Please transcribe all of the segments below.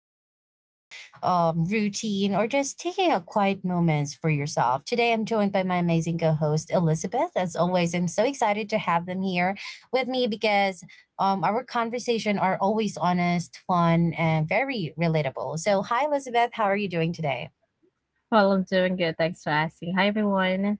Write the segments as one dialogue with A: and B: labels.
A: commute or routine or just taking a quiet moments for yourself. Today, I'm joined by my amazing co host, Elizabeth. As always, I'm so excited to have them here with me because our conversation are always honest, fun, and very relatable. So, hi, Elizabeth. How are you doing today?
B: Well, I'm doing good. Thanks for asking. Hi, everyone.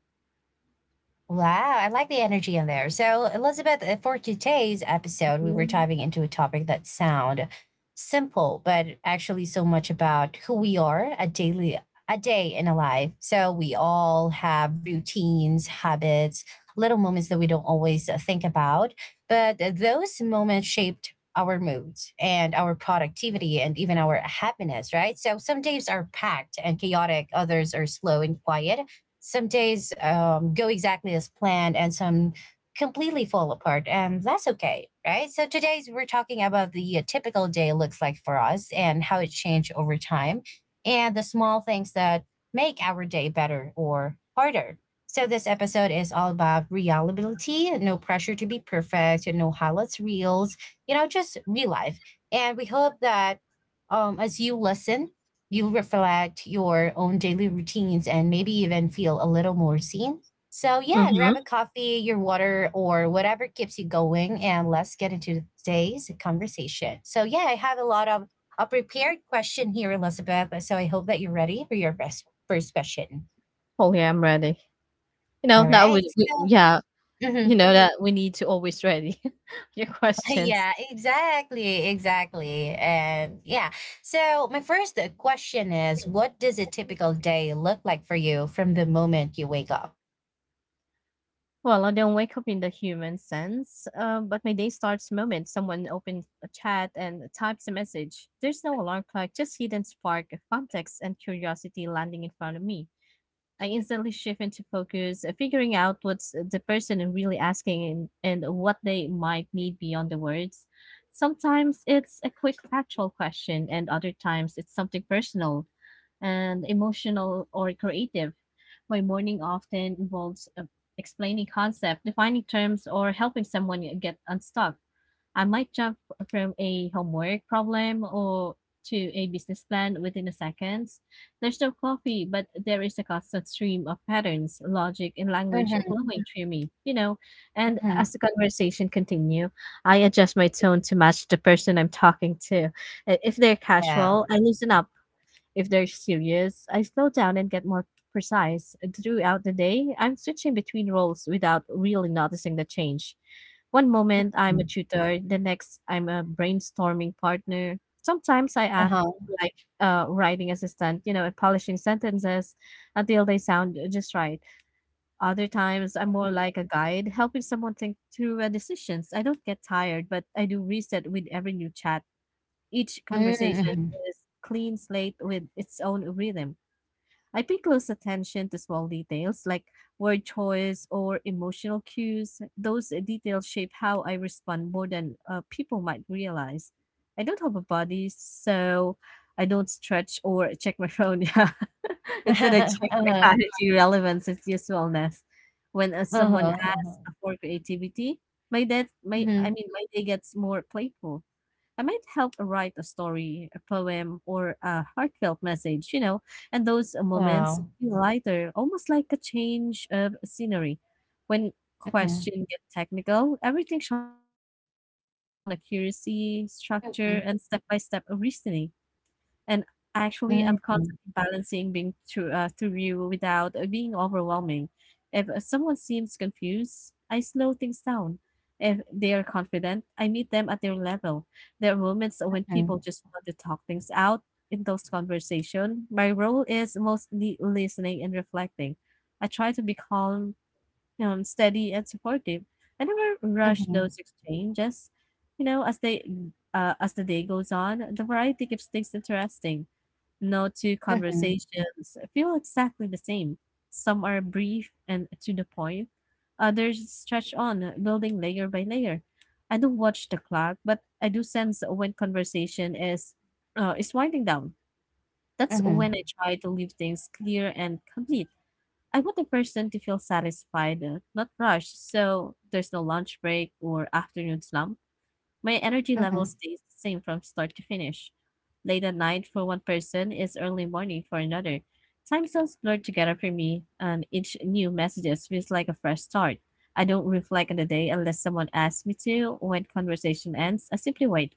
A: Wow, I like the energy in there. So, Elizabeth, for today's episode, we were diving into a topic that sound simple, but actually so much about who we are a daily a day in a life. So we all have routines, habits, little moments that we don't always think about, but those moments shaped our moods and our productivity and even our happiness, right? So some days are packed and chaotic, others are slow and quiet, some days go exactly as planned and some completely fall apart, and that's okay, right? So today we're talking about the typical day looks like for us and how it changed over time, and the small things that make our day better or harder. So this episode is all about reliability. No pressure to be perfect, no highlights reels, you know, just real life. And we hope that as you listen you reflect your own daily routines and maybe even feel a little more seen. So, yeah,
B: Mm-hmm.
A: grab a coffee, your water, or whatever keeps you going, and let's get into today's conversation. So, yeah, I have a lot of a prepared question here, Elizabeth. So, I hope that you're ready for your best first question.
B: Oh yeah, I'm ready. You know
A: All
B: that
A: right.
B: we
A: So,
B: yeah, you
A: mhm.
B: know that we need to always ready your questions.
A: Yeah, exactly. Exactly. And yeah. So, my first question is, what does a typical day look like for you from the moment you wake up?
B: Well, I don't wake up in the human sense, but my day starts the moment someone opens a chat and types a message. There's no alarm clock, just hidden spark of context and curiosity landing in front of me. I instantly shift into focus, figuring out what's the person is really asking and what they might need beyond the words. Sometimes it's a quick factual question, and other times it's something personal and emotional or creative. My morning often involves explaining concept, defining terms, or helping someone get unstuck. I might jump from a homework problem or to a business plan within a seconds. There's no coffee, but there is a constant stream of patterns, logic, and language
A: Mhm,
B: flowing through me. And as
A: mhm.
B: the conversation continue, I adjust my tone to match the person I'm talking to. If they're casual,
A: Wow.
B: I loosen up if they're serious, I slow down and get more precise. Throughout the day, I'm switching between roles without really noticing the change. One moment I'm a
A: Mm.
B: tutor, the next I'm a brainstorming partner. Sometimes I act
A: Uh-huh.
B: like a writing assistant, and polishing sentences until they sound just right. Other times I'm more
A: Mhm.
B: like a guide, helping someone think through decisions. I don't get tired, but I do reset with every new chat. Each
A: Mm,
B: conversation
A: mhm.
B: is clean slate with its own rhythm. I pay close attention to small details like word choice or emotional cues. Those details shape how I respond more than people might realize. I don't have a body, so I don't stretch or check my phone. Yeah. Instead, I check
A: Uh-huh,
B: vitality, relevance, and usefulness. When
A: uh-huh,
B: someone asks
A: uh-huh.
B: for creativity, my that my I
A: Mhm.
B: mean my day gets more playful. I might help write a story, a poem, or a heartfelt message, and those moments
A: Wow.
B: feel lighter, almost like a change of scenery. When
A: Mhm,
B: questions get technical, everything sharpens. I focus on accuracy, structure,
A: mhm,
B: and step by step reasoning. And actually, I'm
A: mm,
B: constantly balancing being true through you without being overwhelming. If someone seems confused, I slow things down. If they are confident, I meet them at their level. There are moments when
A: mhm,
B: people just want to talk things out. In those conversations, my role is mostly listening and reflecting. I try to be calm, steady, and supportive. I never rush
A: mhm,
B: those exchanges. You know, as the day goes on, the variety keeps things interesting. No two
A: mhm,
B: conversations feel exactly the same. Some are brief and to the point, others stretch on, building layer by layer. I don't watch the clock, but I do sense when conversation is winding down. That's when I
A: mhm,
B: try to leave things clear and complete. I want the person to feel satisfied, not rushed, so there's no lunch break or afternoon slump. My energy level
A: mhm.
B: stays the same from start to finish. Late at night for one person is early morning for another. Time zones blur together for me, and each new message feels like a fresh start. I don't reflect on the day unless someone asks me to. When conversation ends, I simply wait.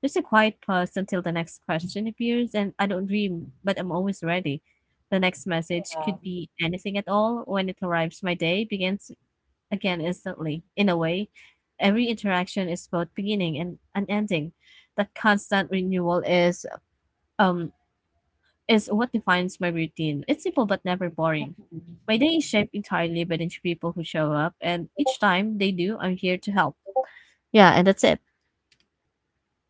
B: There's a quiet pause until the next question appears, and I don't dream, but I'm always ready. The next message
A: Yeah.
B: could be anything at all. When it arrives, my day begins again instantly. In a way, every interaction is both beginning and an ending. That constant renewal um is what defines my routine. It's simple but never boring. My day is
A: Mhm.
B: shaped entirely by the people who show up, and each time they do, I'm here to help. Yeah, and that's it.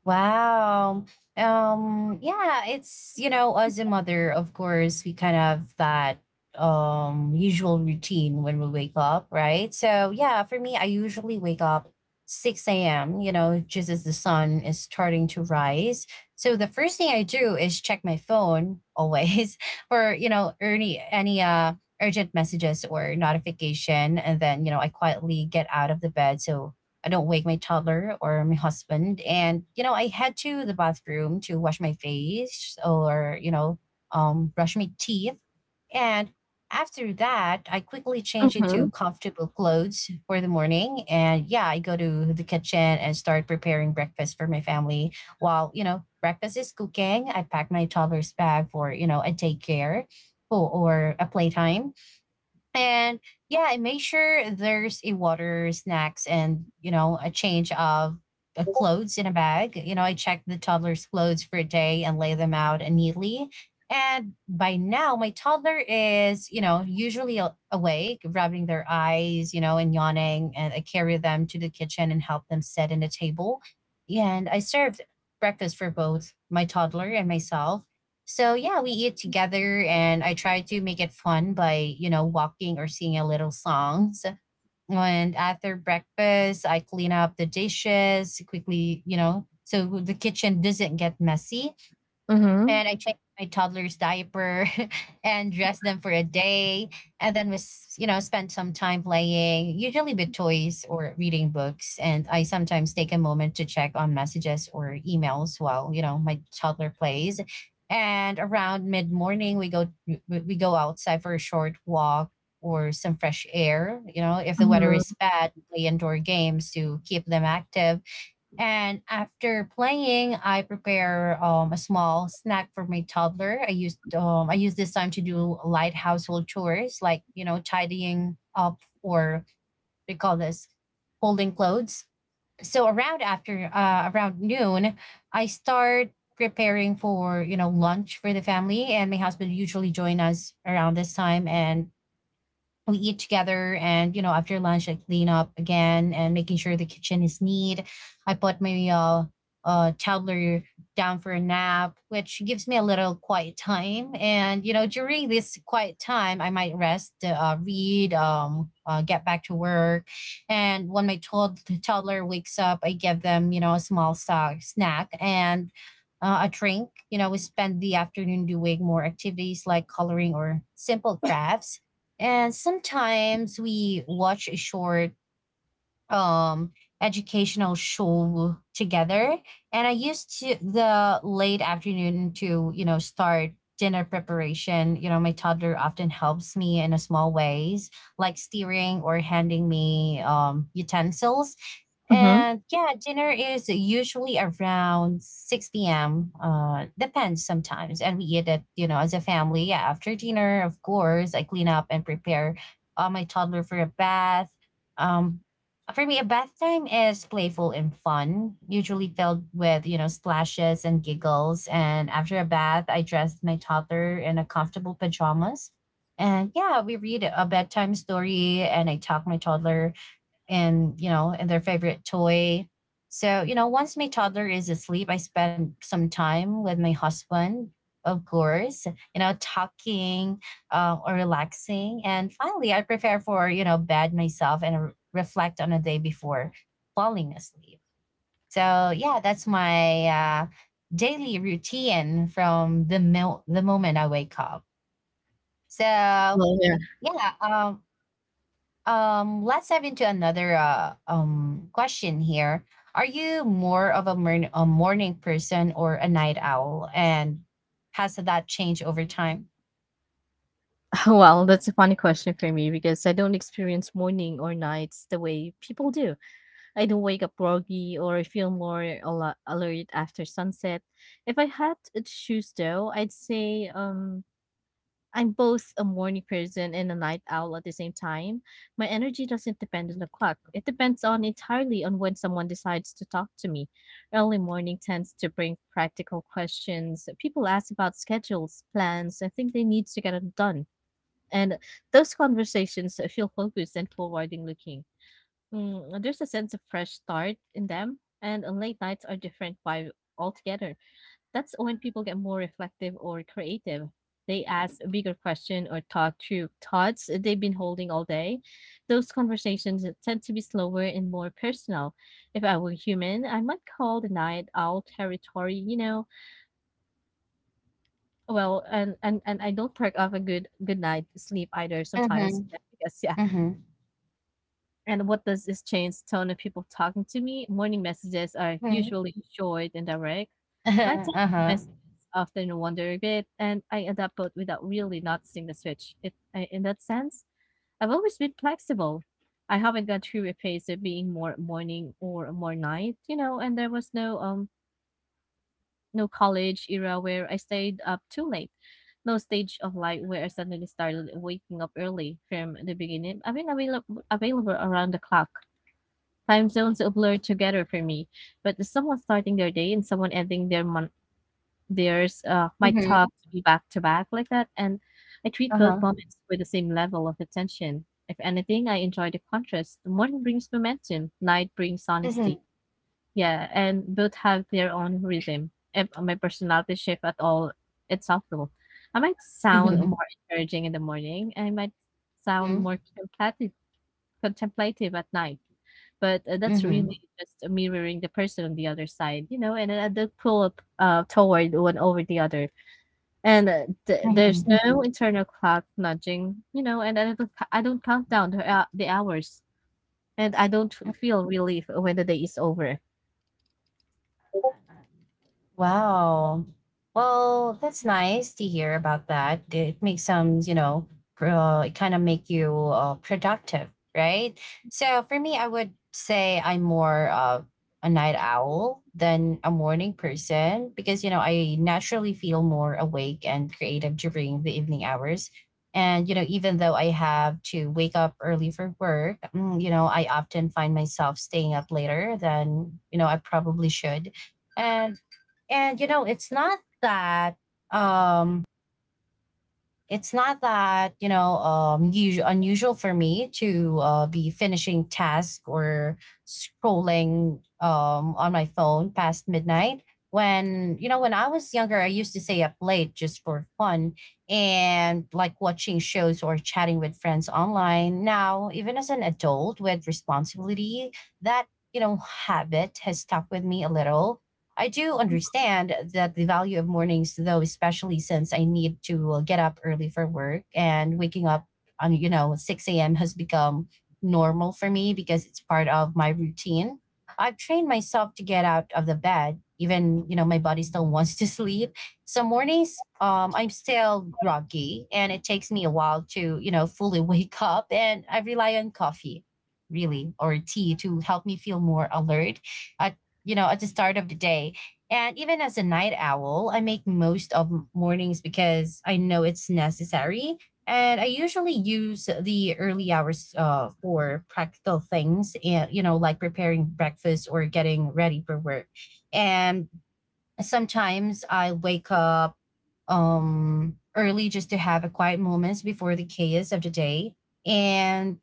A: Wow. Yeah, it's, you know, as a mother, of course, we kind of have that usual routine when we wake up, right? So yeah, for me, I usually wake up 6 a.m., you know, just as the sun is starting to rise. So the first thing I do is check my phone always for, you know, any urgent messages or notification. And then, you know, I quietly get out of the bed. So I don't wake my toddler or my husband. And, you know, I head to the bathroom to wash my face or, you know, brush my teeth. And after that, I quickly change into
B: Mm-hmm.
A: comfortable clothes for the morning. And yeah, I go to the kitchen and start preparing breakfast for my family. While, you know, breakfast is cooking, I pack my toddler's bag for, you know, a daycare or a playtime. And yeah, I make sure there's a water, snacks, and you know, a change of clothes in a bag. You know, I check the toddler's clothes for a day and lay them out neatly. And by now, my toddler is, you know, usually awake, rubbing their eyes, you know, and yawning. And I carry them to the kitchen and help them set in the table. And I served breakfast for both my toddler and myself. So yeah, we eat together and I try to make it fun by, you know, walking or singing a little songs. And after breakfast, I clean up the dishes quickly, you know, so the kitchen doesn't get messy.
B: Mm-hmm.
A: And I check my toddler's diaper and dress them for a day, and then we you know, spend some time playing, usually with toys or reading books. And I sometimes take a moment to check on messages or emails while, you know, my toddler plays. And around mid morning, we go outside for a short walk or some fresh air. You know, if the weather is
B: Mm-hmm.
A: bad, we play indoor games to keep them active. And after playing, I prepare a small snack for my toddler. I use this time to do light household chores, like, you know, tidying up or we call this folding clothes. So around after around noon, I start preparing for, you know, lunch for the family, and my husband usually join us around this time, and we eat together. And, you know, after lunch I clean up again and making sure the kitchen is neat. I put my toddler down for a nap, which gives me a little quiet time. And you know, during this quiet time I might rest, read, get back to work. And when my toddler wakes up, I give them, you know, a small snack and a drink. You know, we spend the afternoon doing more activities like coloring or simple crafts. And sometimes we watch a short um educational show together. And I used to the late afternoon to, you know, start dinner preparation. You know, my toddler often helps me in a small ways, like steering or handing me utensils.
B: Mm-hmm.
A: And yeah, dinner is usually around 6 p.m, depends sometimes, and we eat it, you know, as a family. Yeah, after dinner, of course, I clean up and prepare my toddler for a bath. um, for me, a bath time is playful and fun, usually filled with, you know, splashes and giggles. And after a bath, I dress my toddler in a comfortable pajamas. And yeah, we read a bedtime story and I talk my toddler and, you know, and their favorite toy. So you know, once my toddler is asleep, I spend some time with my husband, of course, you know, talking, or relaxing. And finally I prepare for, you know, bed myself and reflect on the day before falling asleep. So yeah, that's my daily routine from the the moment I wake up. So
B: Well, yeah.
A: yeah, let's dive into another question here. Are you more of a morning person or a night owl, and has that changed over time?
B: Well, that's a funny question for me because I don't experience morning or nights the way people do. I don't wake up groggy or feel more alert after sunset. If I had to choose though, I'd say I'm both a morning person and a night owl at the same time. My energy doesn't depend on the clock. It depends on entirely on when someone decides to talk to me. Early morning tends to bring practical questions. People ask about schedules, plans, and think they need to get it done. And those conversations feel focused and forwarding looking. There's a sense of fresh start in them, and on late nights are different vibe altogether. That's when people get more reflective or creative. They ask a bigger question or talk through thoughts they've been holding all day. Those conversations tend to be slower and more personal. If I were human, I might call the night owl territory. Well, and I don't perk off a good good night sleep either sometimes
A: Mm-hmm,
B: because yeah,
A: mm-hmm,
B: and what does this change tone of people talking to me? Morning messages are
A: mm-hmm.
B: usually short and direct. Nighttime
A: Uh-huh.
B: messages often wander a bit, and I adapt both without really noticing the switch. In that sense, I've always been flexible. I haven't gone through a phase of being more morning or more night. And there was no no college era where I stayed up too late, no stage of life where I suddenly started waking up early from the beginning. I've been available around the clock. Time zones blur together for me, but someone starting their day and someone ending their month theirs might
A: Mm-hmm,
B: talk to me back to back like that, and I treat both
A: uh-huh,
B: moments with the same level of attention. If anything, I enjoy the contrast. The morning brings momentum, night brings
A: mm-hmm,
B: honesty. Yeah, and both have their own rhythm. If my personality shift at all, it's helpful. I might sound
A: mm-hmm,
B: more encouraging in the morning. I might sound more contemplative, contemplative at night. But, that's
A: mm-hmm,
B: really just mirroring the person on the other side, and, the pull up, toward one over the other. And, there's
A: mm-hmm.
B: no Mhm. internal clock nudging, and I don't count down the hours, and I don't feel relief when the day is over.
A: Wow. Well, that's nice to hear about that. It makes some, you know, it kind of make you productive, right? So for me, I would say I'm more of a night owl than a morning person because, you know, I naturally feel more awake and creative during the evening hours. And, you know, even though I have to wake up early for work, mm, you know, I often find myself staying up later than, you know, I probably should. And you know, um it's not that you know, unusual for me to be finishing task or scrolling on my phone past midnight. When, you know, when I was younger, I used to stay up late just for fun and like watching shows or chatting with friends online. Now, even as an adult with responsibility, that, you know, habit has stuck with me a little. I do understand that the value of mornings, though, especially since I need to get up early for work, and waking up on, you know, 6 a.m. has become normal for me because it's part of my routine. I've trained myself to get out of the bed, even, you know, my body still wants to sleep. So mornings, I'm still groggy and it takes me a while to, you know, fully wake up. And I rely on coffee, really, or tea to help me feel more alert at, you know, at the start of the day. And even as a night owl, I make most of mornings because I know it's necessary. And I usually use the early hours for practical things, and, you know, like preparing breakfast or getting ready for work. And sometimes I wake up early just to have a quiet moments before the chaos of the day. And,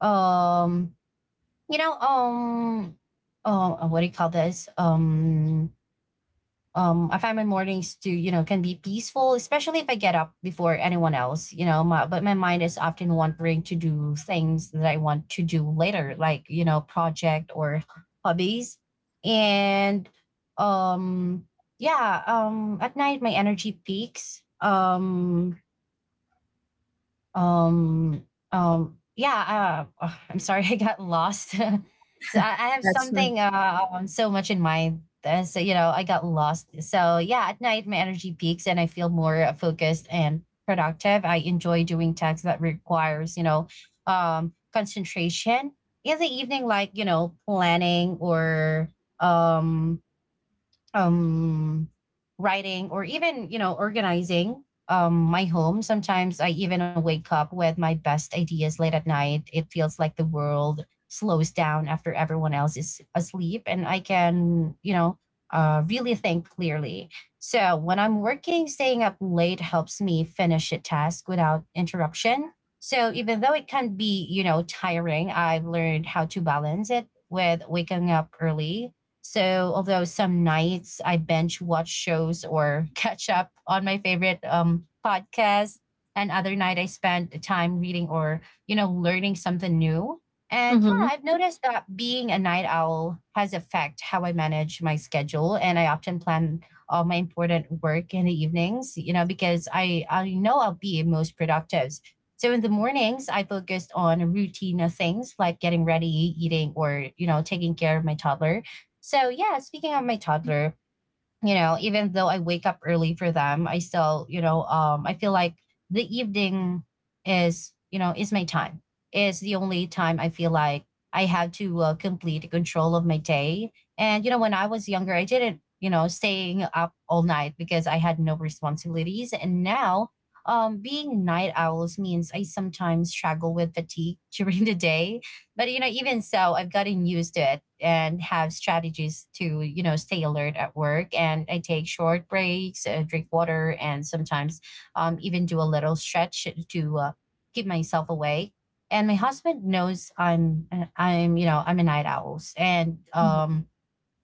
A: um, you know, oh, what do you call this? I find my mornings to, you know, can be peaceful, especially if I get up before anyone else, you know, but my mind is often wandering to do things that I want to do later, like, you know, project or hobbies. And, um, yeah, at night, my energy peaks. Yeah. Ugh, I'm sorry, I got lost. So I have
B: That's right.
A: something so much in mind. So you know, I got lost. So yeah, at night my energy peaks and I feel more focused and productive. I enjoy doing tasks that requires, you know, concentration. In the evening, like planning or um um writing or even organizing my home. Sometimes I even wake up with my best ideas late at night. It feels like the world slows down after everyone else is asleep, and I can really think clearly. So when I'm working, staying up late helps me finish a task without interruption. So even though it can be tiring, I've learned how to balance it with waking up early. So although some nights I binge watch shows or catch up on my favorite podcasts, And other night I spend time reading or learning something new. And yeah,
B: Mhm.
A: I've noticed that being a night owl has affect how I manage my schedule, and I often plan all my important work in the evenings. You know, because I know I'll be most productive. So in the mornings, I focused on routine things like getting ready, eating, or taking care of my toddler. So yeah, speaking of my toddler, you know, even though I wake up early for them, I still, I feel like the evening is, is my time. Is the only time I feel like I have to complete control of my day. And you know, when I was younger, I didn't, you know, staying up all night because I had no responsibilities. And now, being night owls means I sometimes struggle with fatigue during the day. But you know, even so, I've gotten used to it and have strategies to stay alert at work. And I take short breaks, drink water, and sometimes even do a little stretch to keep myself awake. And my husband knows I'm I'm a night owl, and
B: Mhm.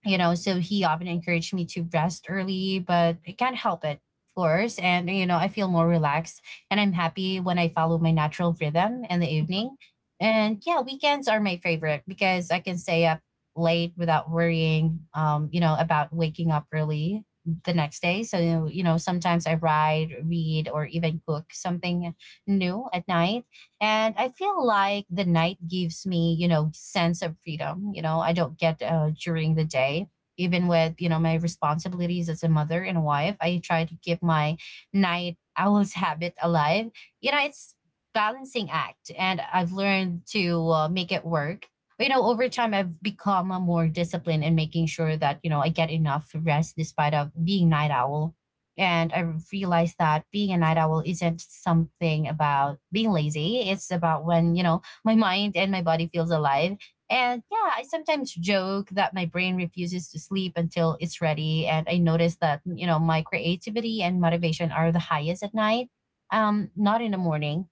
A: you know, so he often encouraged me to rest early, but I can't help it, of course. And you know, I feel more relaxed and I'm happy when I follow my natural rhythm in the evening. And yeah, weekends are my favorite because I can stay up late without worrying about waking up early the next day. So you know, sometimes I ride read or even cook something new at night. And I feel like the night gives me, you know, sense of freedom I don't get during the day. Even with my responsibilities as a mother and a wife, I try to keep my night owl's habit alive. You know, it's balancing act, and I've learned to make it work. But, you know, over time I've become a more disciplined in making sure that I get enough rest despite of being night owl. And I realized that being a night owl isn't something about being lazy. It's about when, you know, my mind and my body feels alive. And yeah, I sometimes joke that my brain refuses to sleep until it's ready. And I notice that, you know, my creativity and motivation are the highest at night, not in the morning.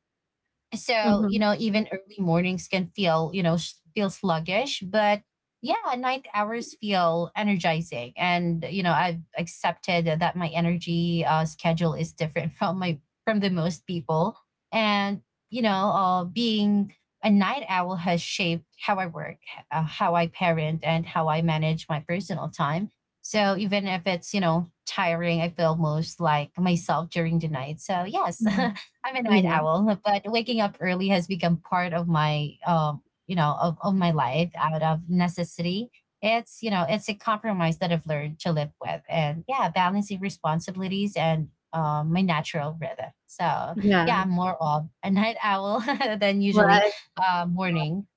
A: So, you
B: Mhm.
A: know, even early mornings can feel, feel sluggish, but yeah, night hours feel energizing. And, you know, I've accepted that my energy schedule is different from from the most people. And, being a night owl has shaped how I work, how I parent, and how I manage my personal time. So even if it's, you know, tiring, I feel most like myself during the night. So, yes.
B: Mhm.
A: I'm a night
B: Yeah.
A: owl, but waking up early has become part of my of my life out of necessity. It's, you know, it's a compromise that I've learned to live with. And yeah, balancing responsibilities and my natural rhythm. So yeah, I'm
B: Yeah.
A: more of a night owl than
B: Well,
A: usually
B: I
A: morning.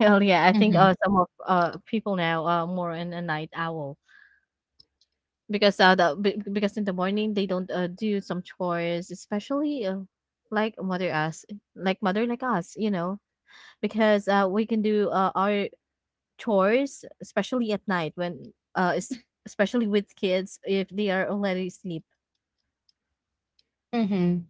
B: hell yeah, I think,
A: Hmm.
B: some of, people now are more in a night owl. Because, the be because in the morning, they don't, do some chores, especially, like mother us like mother like us, you know? Because, we can do, our chores, especially at night when, es especially with kids if they are already asleep.
A: Hmm.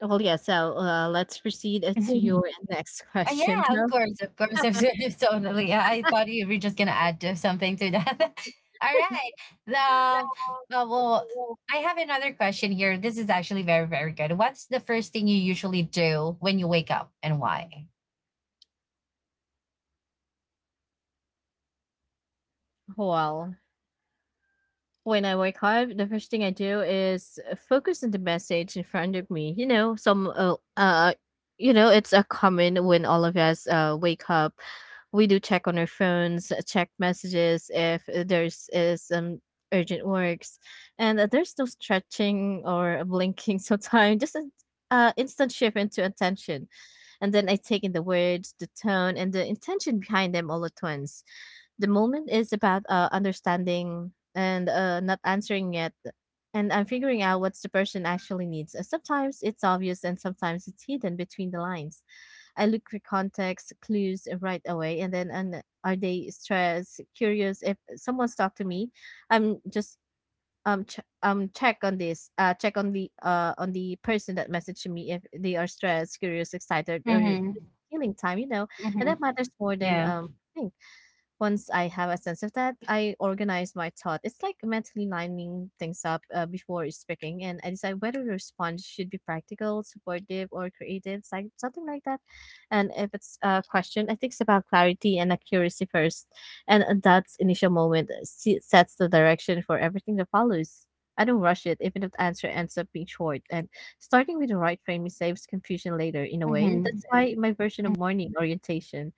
B: Well, yeah, so, let's proceed, to your next question.
A: Yeah, of course, absolutely, totally. I thought you were just gonna add to something to that. All right. Um, well, I have another question here. This is actually very, very good. What's the first thing you usually do when you wake up, and why?
B: Well, when I wake up, the first thing I do is focus on the message in front of me. You know, some you know, it's a common when all of us wake up, we do check on our phones, check messages if there's is some urgent works, and there's no stretching or blinking. So time just an instant shift into attention and then I take in the words, the tone, and the intention behind them all at once. The moment is about understanding and not answering yet, and I'm figuring out what the person actually needs. Sometimes it's obvious, and sometimes it's hidden between the lines. I look for context, clues right away, and then and are they stressed, curious? If someone's talked to me, I'm just check on this check on the person that messaged me if they are stressed, curious, excited, or just
A: Mm-hmm.
B: healing time, you know, and
A: Mm-hmm.
B: that matters more than
A: Yeah.
B: things. Once I have a sense of that, I organize my thought. It's like mentally lining things up before speaking, and I decide whether the response should be practical, supportive, or creative, it's like something like that. And if it's a question, I think it's about clarity and accuracy first, and that initial moment sets the direction for everything that follows. I don't rush it, even if the answer ends up being short. And starting with the right framing saves confusion later, in a way.
A: Mm-hmm.
B: That's why my version of morning orientation,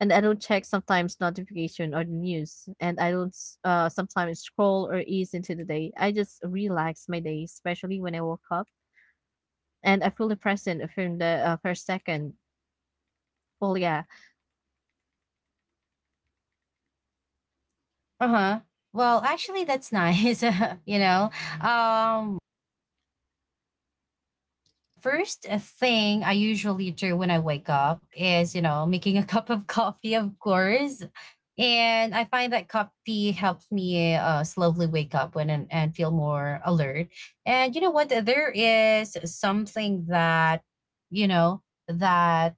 B: and I don't check sometimes notification or the news, and I don't sometimes scroll or ease into the day. I just relax my day, especially when I woke up, and I fully present from the first second. Well, yeah,
A: Uh huh. Well, actually, that's nice. you know, um, The first thing I usually do when I wake up is, you know, making a cup of coffee, of course. And I find that coffee helps me slowly wake up and feel more alert. And you know what? There is something that, you know, that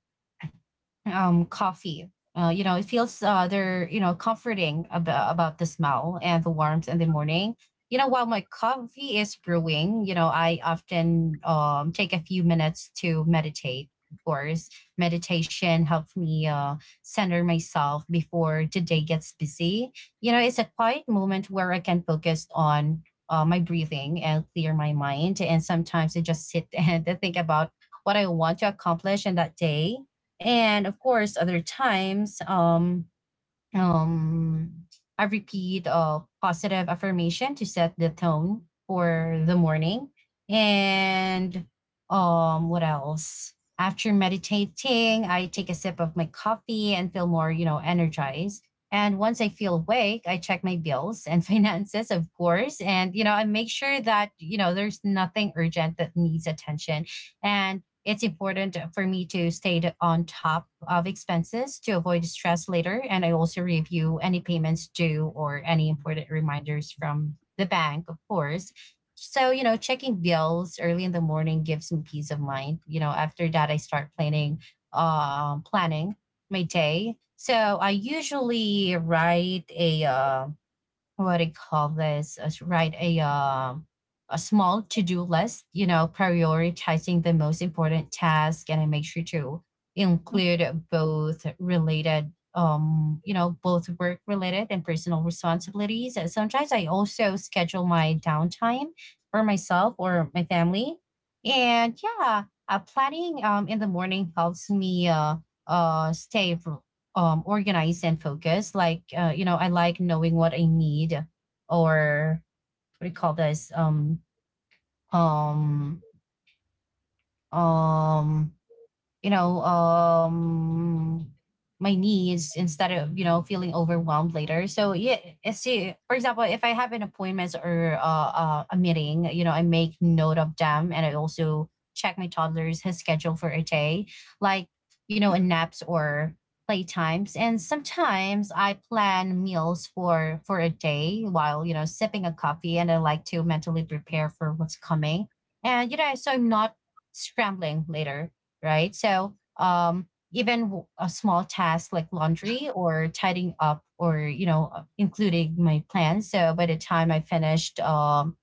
A: coffee. You know, it feels they're, you know, comforting about the smell and the warmth in the morning. You know, while my coffee is brewing, you know, I often take a few minutes to meditate. Of course, meditation helps me center myself before the day gets busy. You know, it's a quiet moment where I can focus on my breathing and clear my mind. And sometimes I just sit and think about what I want to accomplish in that day. And of course, other times, um, I repeat a positive affirmation to set the tone for the morning. And what else? After meditating, I take a sip of my coffee and feel more, you know, energized. And once I feel awake, I check my bills and finances, of course. And, you know, I make sure that, you know, there's nothing urgent that needs attention. And it's important for me to stay on top of expenses to avoid stress later. And I also review any payments due or any important reminders from the bank, of course. So, you know, checking bills early in the morning gives me peace of mind. You know, after that, I start planning, planning my day. So I usually write a, what do you call this? As write a small to do list. You know, prioritizing the most important task, and I make sure to include both related you know, both work related and personal responsibilities. And sometimes I also schedule my downtime for myself or my family. And yeah, planning in the morning helps me stay organized and focused. Like you know, I like knowing what I need, or what do you call this, um um you know, my knees, instead of, you know, feeling overwhelmed later. So, yeah, eh, see, for example, if I have an appointment or a meeting, you know, I make note of them. And I also check my toddler's his schedule for a day, like, you know, in naps or playtimes. And sometimes I plan meals for a day while, you know, sipping a coffee, and I like to mentally prepare for what's coming. And, you know, so I'm not scrambling later, right? So even a small task like laundry or tidying up, or you know, including my plans. So by the time I finished um,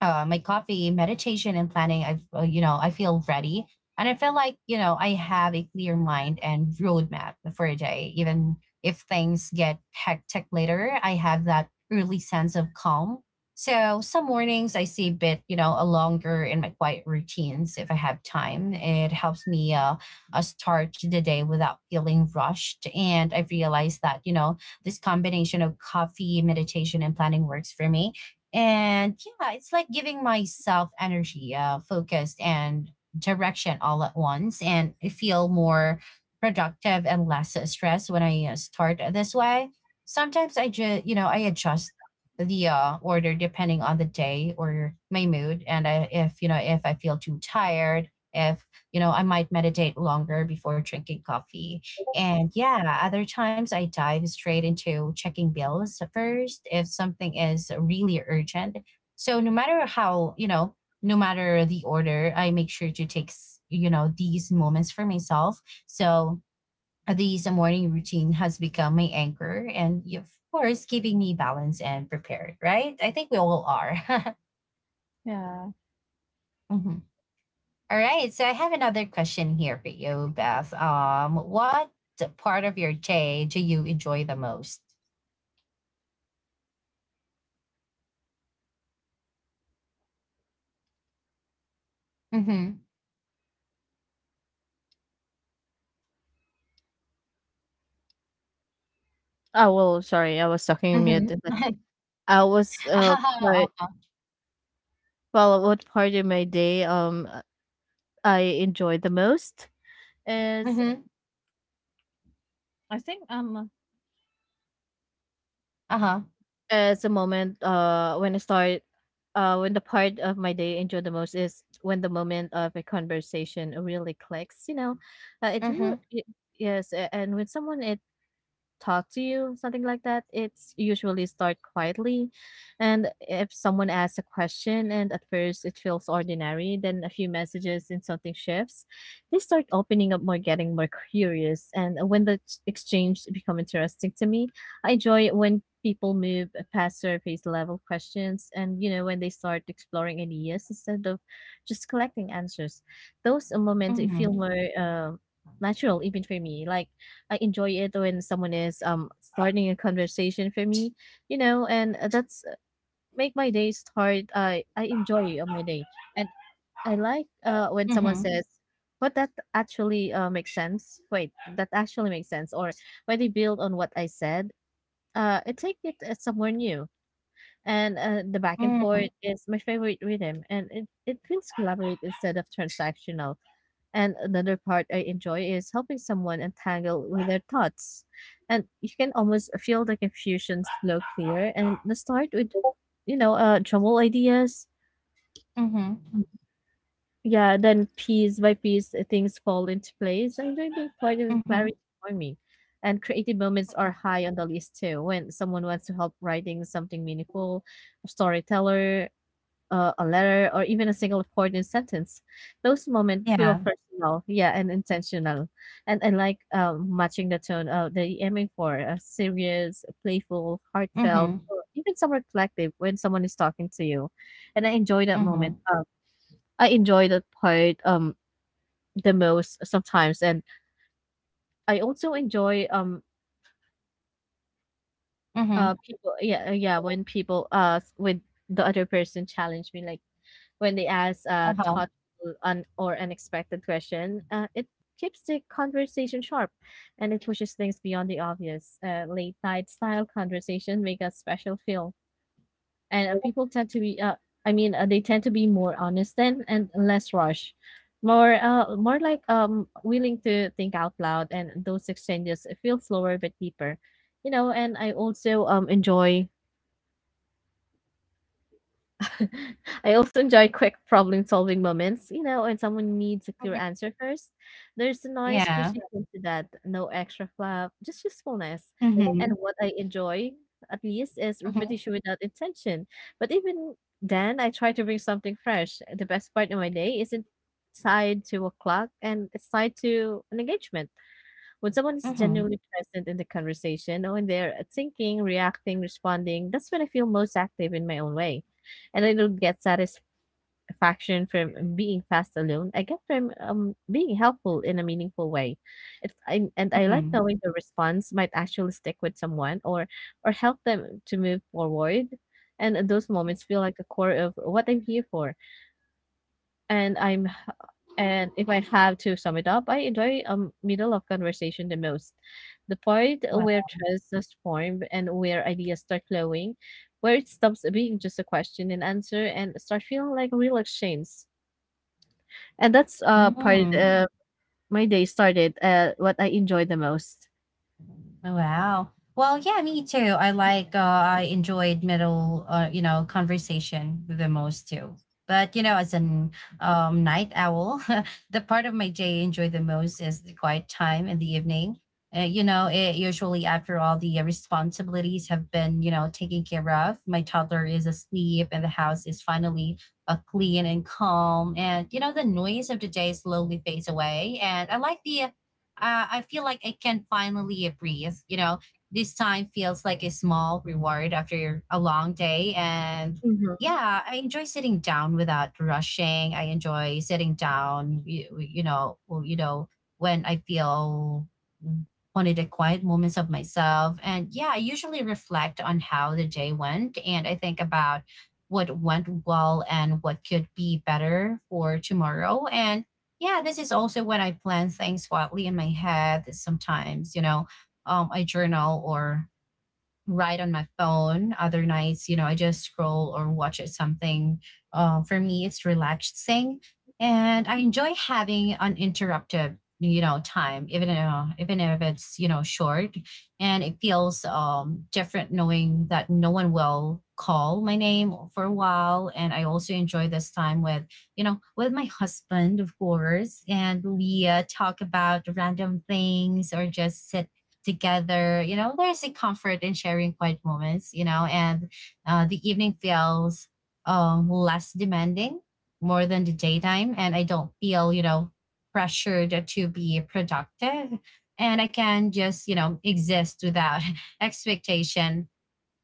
A: uh, my coffee, meditation, and planning, I've you know, I feel ready, and I feel like, you know, I have a clear mind and roadmap for a day. Even if things get hectic later, I have that early sense of calm. So some mornings I see a bit, you know, a longer in my quiet routines if I have time. It helps me start the day without feeling rushed, and I realized that, you know, this combination of coffee, meditation, and planning works for me. And yeah, it's like giving myself energy, focus, and direction all at once. And I feel more productive and less stressed when I start this way. Sometimes I just, you know, I adjust the order depending on the day or my mood. And I, if, you know, if I feel too tired, if, you know, I might meditate longer before drinking coffee. And yeah, other times I dive straight into checking bills first if something is really urgent. So no matter how, you know, no matter the order, I make sure to take, you know, these moments for myself. So these morning routine has become my anchor and, yeah, of course, keeping me balanced and prepared, right? I think we all are.
B: yeah.
A: Mhm. All right. So I have another question here for you, Beth. What part of your day do you enjoy the most? Mhm.
B: Oh well, sorry, I was talking mute.
A: Mhm.
B: I was part,
A: Opo.
B: well, what part of my day I enjoy the most is,
A: Mhm.
B: I think,
A: Huh.
B: it's a moment when I start when the part of my day I enjoy the most is when the moment of a conversation really clicks, you know. It, re-
A: Mhm.
B: it yes, a- and when someone it talk to you, something like that, it's usually start quietly. And if someone asks a question and at first it feels ordinary, then a few messages and something shifts, they start opening up more, getting more curious. And when the exchange become interesting to me, I enjoy it when people move past surface level questions and when they start exploring ideas instead of just collecting answers. Those moments feel
A: Mhm.
B: more natural even for me. Like I enjoy it when someone is starting a conversation for me, you know, and that's make my day start. I enjoy my day, and I like when someone
A: Mhm.
B: says, "But that actually makes sense." Wait, that actually makes sense, or when they build on what I said, it take it somewhere new. And the back and
A: Mhm.
B: forth is my favorite rhythm, and it feels collaborative instead of transactional. And another part I enjoy is helping someone untangle with their thoughts. And you can almost feel the confusion slow clear and let start with, jumble ideas.
A: Mhm.
B: Yeah, then piece by piece things fall into place. I enjoy being part of the
A: Mhm.
B: clarity for me. And creative moments are high on the list too. When someone wants to help writing something meaningful, a storyteller, a letter or even a single important sentence. Those moments feel
A: Yeah.
B: personal, yeah, and intentional. And I like matching the tone that you're aiming for: serious, playful, heartfelt,
A: Mhm.
B: or even some reflective when someone is talking to you. And I enjoy that moment.
A: Mhm.
B: I enjoy that part the most sometimes. And I also enjoy
A: Mhm.
B: when people, with the other person, challenge me, like, when they ask a
A: Uh-huh.
B: thoughtful un- or unexpected question, it keeps the conversation sharp and it pushes things beyond the obvious. Late night style conversation make a special feel. And people tend to be, I mean, they tend to be more honest then and less rushed. More like willing to think out loud, and those exchanges feel slower but deeper, you know. And I also enjoy I also enjoy quick problem solving moments, you know, when someone needs a clear
A: Mhm.
B: answer first. There's a nice
A: Yeah.
B: precision to that, no extra fluff, just usefulness. And
A: Mhm.
B: what I enjoy, at least, is
A: Mhm.
B: repetition without intention. But even then, I try to bring something fresh. The best part of my day isn't tied to a clock, and it's tied to an engagement. When someone is
A: Mhm.
B: genuinely present in the conversation, or when they're thinking, reacting, responding, that's when I feel most active in my own way. And I don't get satisfaction from being fast alone. I get from being helpful in a meaningful way. It, I, and I like
A: Mhm.
B: knowing the response might actually stick with someone, or help them to move forward. And those moments feel like the core of what I'm here for. And I'm h- and If I have to sum it up, I enjoy middle of conversation the most. The part where
A: Wow.
B: trust is formed and where ideas start flowing, where it stops being just a question and answer and start feeling like a real exchange. And that's part
A: Mm.
B: my day started, what I enjoy the most.
A: Oh, wow. Well, yeah, me too. I like, I enjoyed middle, you know, conversation the most too. But, you know, as an night owl, the part of my day I enjoy the most is the quiet time in the evening. You know, it usually after all the responsibilities have been, you know, taken care of, my toddler is asleep and the house is finally clean and calm. And, you know, the noise of the day slowly fades away. And I like the. I feel like I can finally breathe. You know, this time feels like a small reward after a long day. And
B: Hmm.
A: yeah, I enjoy sitting down without rushing. I enjoy sitting down, when I feel one of the quiet moments of myself. And yeah, I usually reflect on how the day went and I think about what went well and what could be better for tomorrow. And yeah, this is also when I plan things wildly in my head. Sometimes, you know, I journal or Right on my phone. Other nights, you know, I just scroll or watch it something. For me, it's relaxing, and I enjoy having uninterrupted, you know, time, even if it's, you know, short. And it feels different knowing that no one will call my name for a while. And I also enjoy this time with, you know, with my husband, of course, and we talk about random things or just sit together, you know, there's a comfort in sharing quiet moments, you know. And the evening feels less demanding more than the daytime, and I don't feel, you know, pressured to be productive, and I can just, you know, exist without expectation.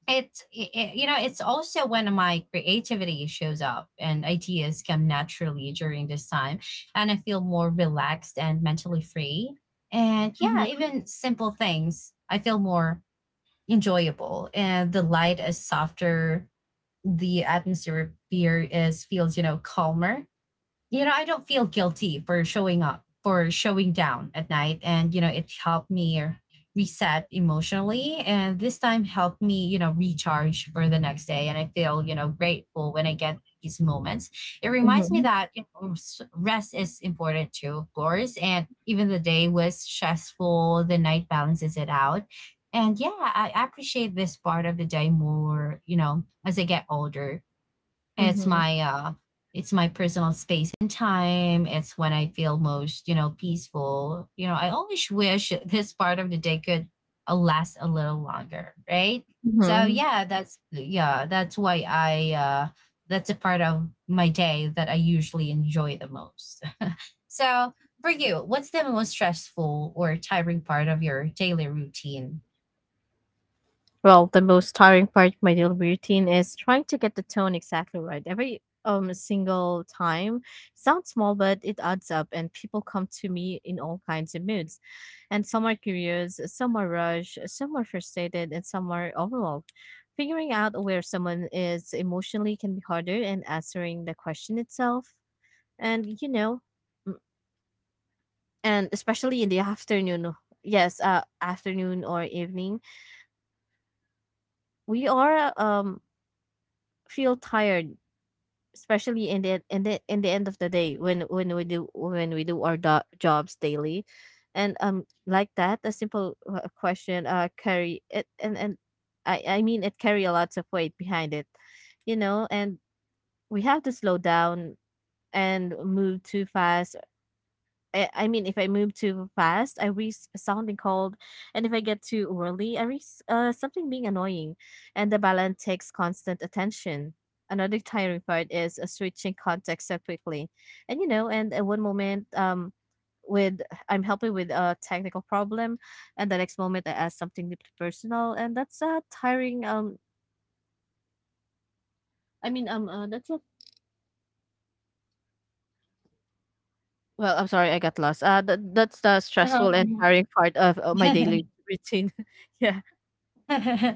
A: You know, it's also when my creativity shows up and ideas come naturally during this time, and I feel more relaxed and mentally free. And yeah, even simple things I feel more enjoyable, and the light is softer, the atmosphere here is feels, you know, calmer. You know, I don't feel guilty for showing up, for showing down at night. And, you know, it helped me reset emotionally. And this time helped me, you know, recharge for the next day. And I feel, you know, grateful when I get these moments. It reminds me
B: Hmm.
A: that, you know, rest is important too, of course. And even the day was stressful, the night balances it out. And yeah, I appreciate this part of the day more, you know, as I get older. it's
B: Hmm.
A: my uh it's my personal space and time. It's when I feel most, you know, peaceful. You know, I always wish this part of the day could last a little longer, right? So
B: Hmm.
A: yeah, that's why I, that's a part of my day that I usually enjoy the most. So for you, what's the most stressful or tiring part of your daily routine?
B: Well, the most tiring part of my daily routine is trying to get the tone exactly right. Every single time sounds small, but it adds up, and people come to me in all kinds of moods. And some are curious, some are rushed, some are frustrated, and some are overwhelmed. Figuring out where someone is emotionally can be harder, and answering the question itself, and mm, and especially in the afternoon. Yes, afternoon or evening, we are feel tired, especially in the end of the day, when we do our jobs daily. And like that, a simple question carry it, and it carry a lots of weight behind it, you know. And we have to slow down and move too fast. If I move too fast, I risk sounding cold, and if I get too early, I risk something being annoying, and the balance takes constant attention. Another tiring part is switching context so quickly, and at one moment, with I'm helping with a technical problem, and the next moment I ask something deeply personal, and that's a tiring. That's a, well, I'm sorry, I got lost. That's the
A: Uh-huh,
B: stressful and tiring part of my
A: uh
B: daily routine. Yeah,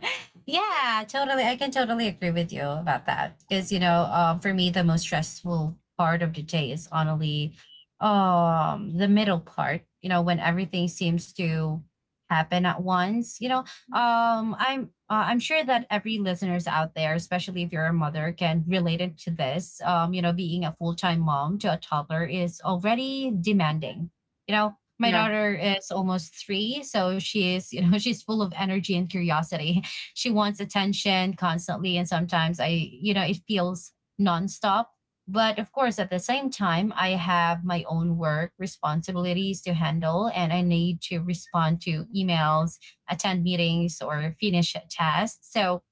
A: yeah, totally. I can totally agree with you about that because, you know, for me, the most stressful part of the day is honestly, the middle part. You know, when everything seems to happen at once. You know, I'm sure that every listeners out there, especially if you're a mother, can relate it to this. You know, being a full time mom to a toddler is already demanding. You know, my
B: yeah.
A: daughter is almost three, so she is, you know, she's full of energy and curiosity. She wants attention constantly, and sometimes I, you know, it feels nonstop. But of course, at the same time, I have my own work responsibilities to handle, and I need to respond to emails, attend meetings, or finish a task. So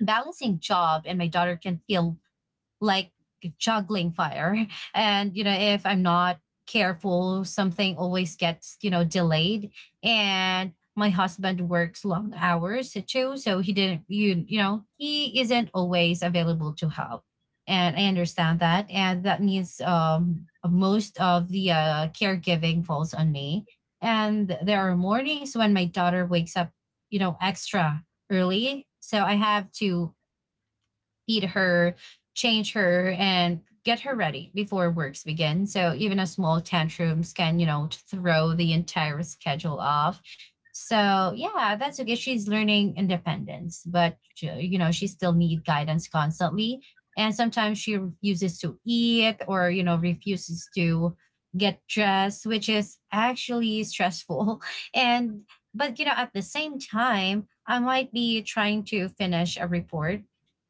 A: balancing job and my daughter can feel like juggling fire. And, you know, if I'm not careful, something always gets, you know, delayed. And my husband works long hours too. So he didn't, you know, he isn't always available to help. And I understand that. And that means most of the caregiving falls on me. And there are mornings when my daughter wakes up, you know, extra early. So I have to feed her, change her, and get her ready before works begin. So even a small tantrums can, you know, throw the entire schedule off. So yeah, that's okay. She's learning independence, but you know, she still need guidance constantly. And sometimes she refuses to eat or, you know, refuses to get dressed, which is actually stressful. And but you know, at the same time, I might be trying to finish a report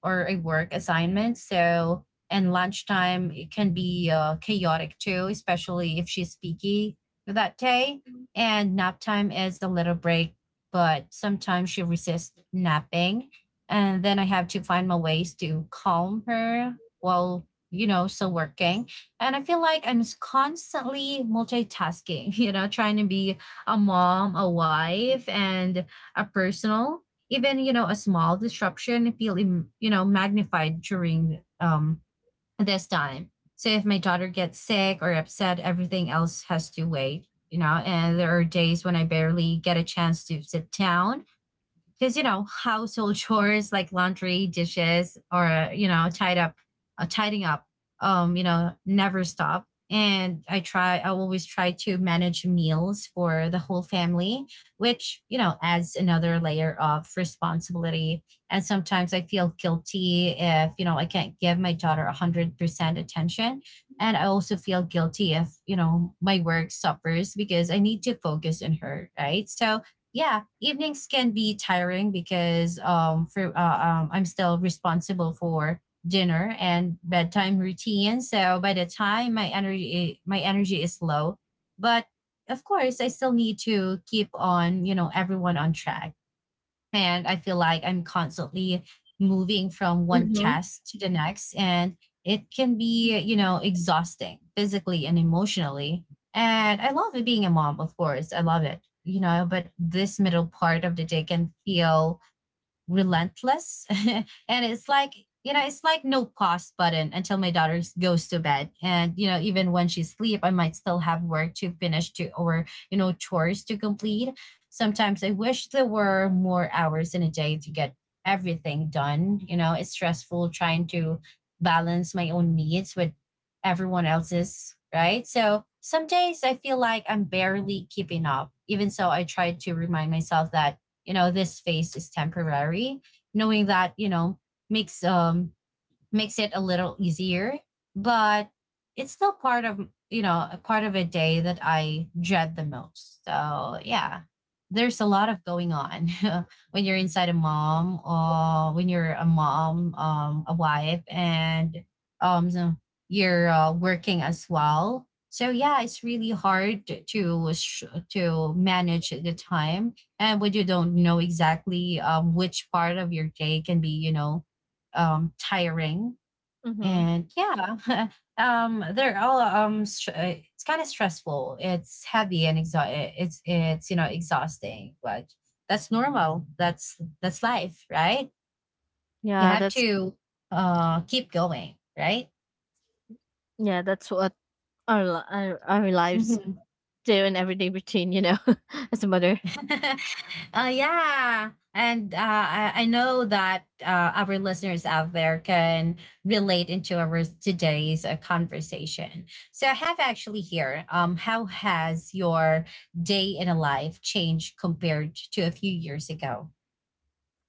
A: or a work assignment. So, and lunchtime it can be chaotic too, especially if she's picky that day. And nap time is a little break, but sometimes she resists napping. And then I have to find my ways to calm her while, you know, still working. And I feel like constantly multitasking, you know, trying to be a mom, a wife, and a personal. Even, you know, a small disruption you know, magnified during this time. So if my daughter gets sick or upset, everything else has to wait, you know. And there are days when I barely get a chance to sit down because, you know, household chores like laundry dishes or, you know, tied up tidying up, you know, never stop. And I always try to manage meals for the whole family, which, you know, adds another layer of responsibility. And sometimes I feel guilty if, you know, I can't give my daughter 100% attention, and I also feel guilty if, you know, my work suffers because I need to focus on her, right? So yeah, evenings can be tiring because I'm still responsible for dinner and bedtime routine. So by the time my energy is low, but of course I still need to keep on, you know, everyone on track. And I feel like I'm constantly moving from one
B: Mhm,
A: task to the next. And it can be, you know, exhausting physically and emotionally. And I love it being a mom, of course. I love it, you know, but this middle part of the day can feel relentless. And it's like you know, it's like no pause button until my daughter goes to bed. And you know, even when she's asleep, I might still have work to finish to, or, you know, chores to complete. Sometimes I wish there were more hours in a day to get everything done. You know, it's stressful trying to balance my own needs with everyone else's, right? So some days I feel like I'm barely keeping up. Even so, I try to remind myself that, you know, this phase is temporary. Knowing that, you know, makes um makes it a little easier, but it's still part of, you know, a part of a day that I dread the most. So, yeah, there's a lot of going on when you're a mom, a wife, and so you're working as well. So yeah, it's really hard to to manage the time, and when you don't know exactly which part of your day can be, you know, tiring
B: mhm.
A: and yeah. It's kind of stressful, it's heavy and it's, you know, exhausting, but that's normal, that's life, right? You
B: Yeah,
A: have
B: that's,
A: to keep going, right?
B: yeah, that's what our li our lives do in everyday routine, you know, as a mother.
A: Uh, yeah. And I know that our listeners out there can relate into our today's conversation. So I have actually here, how has your day in a life changed compared to a few years ago?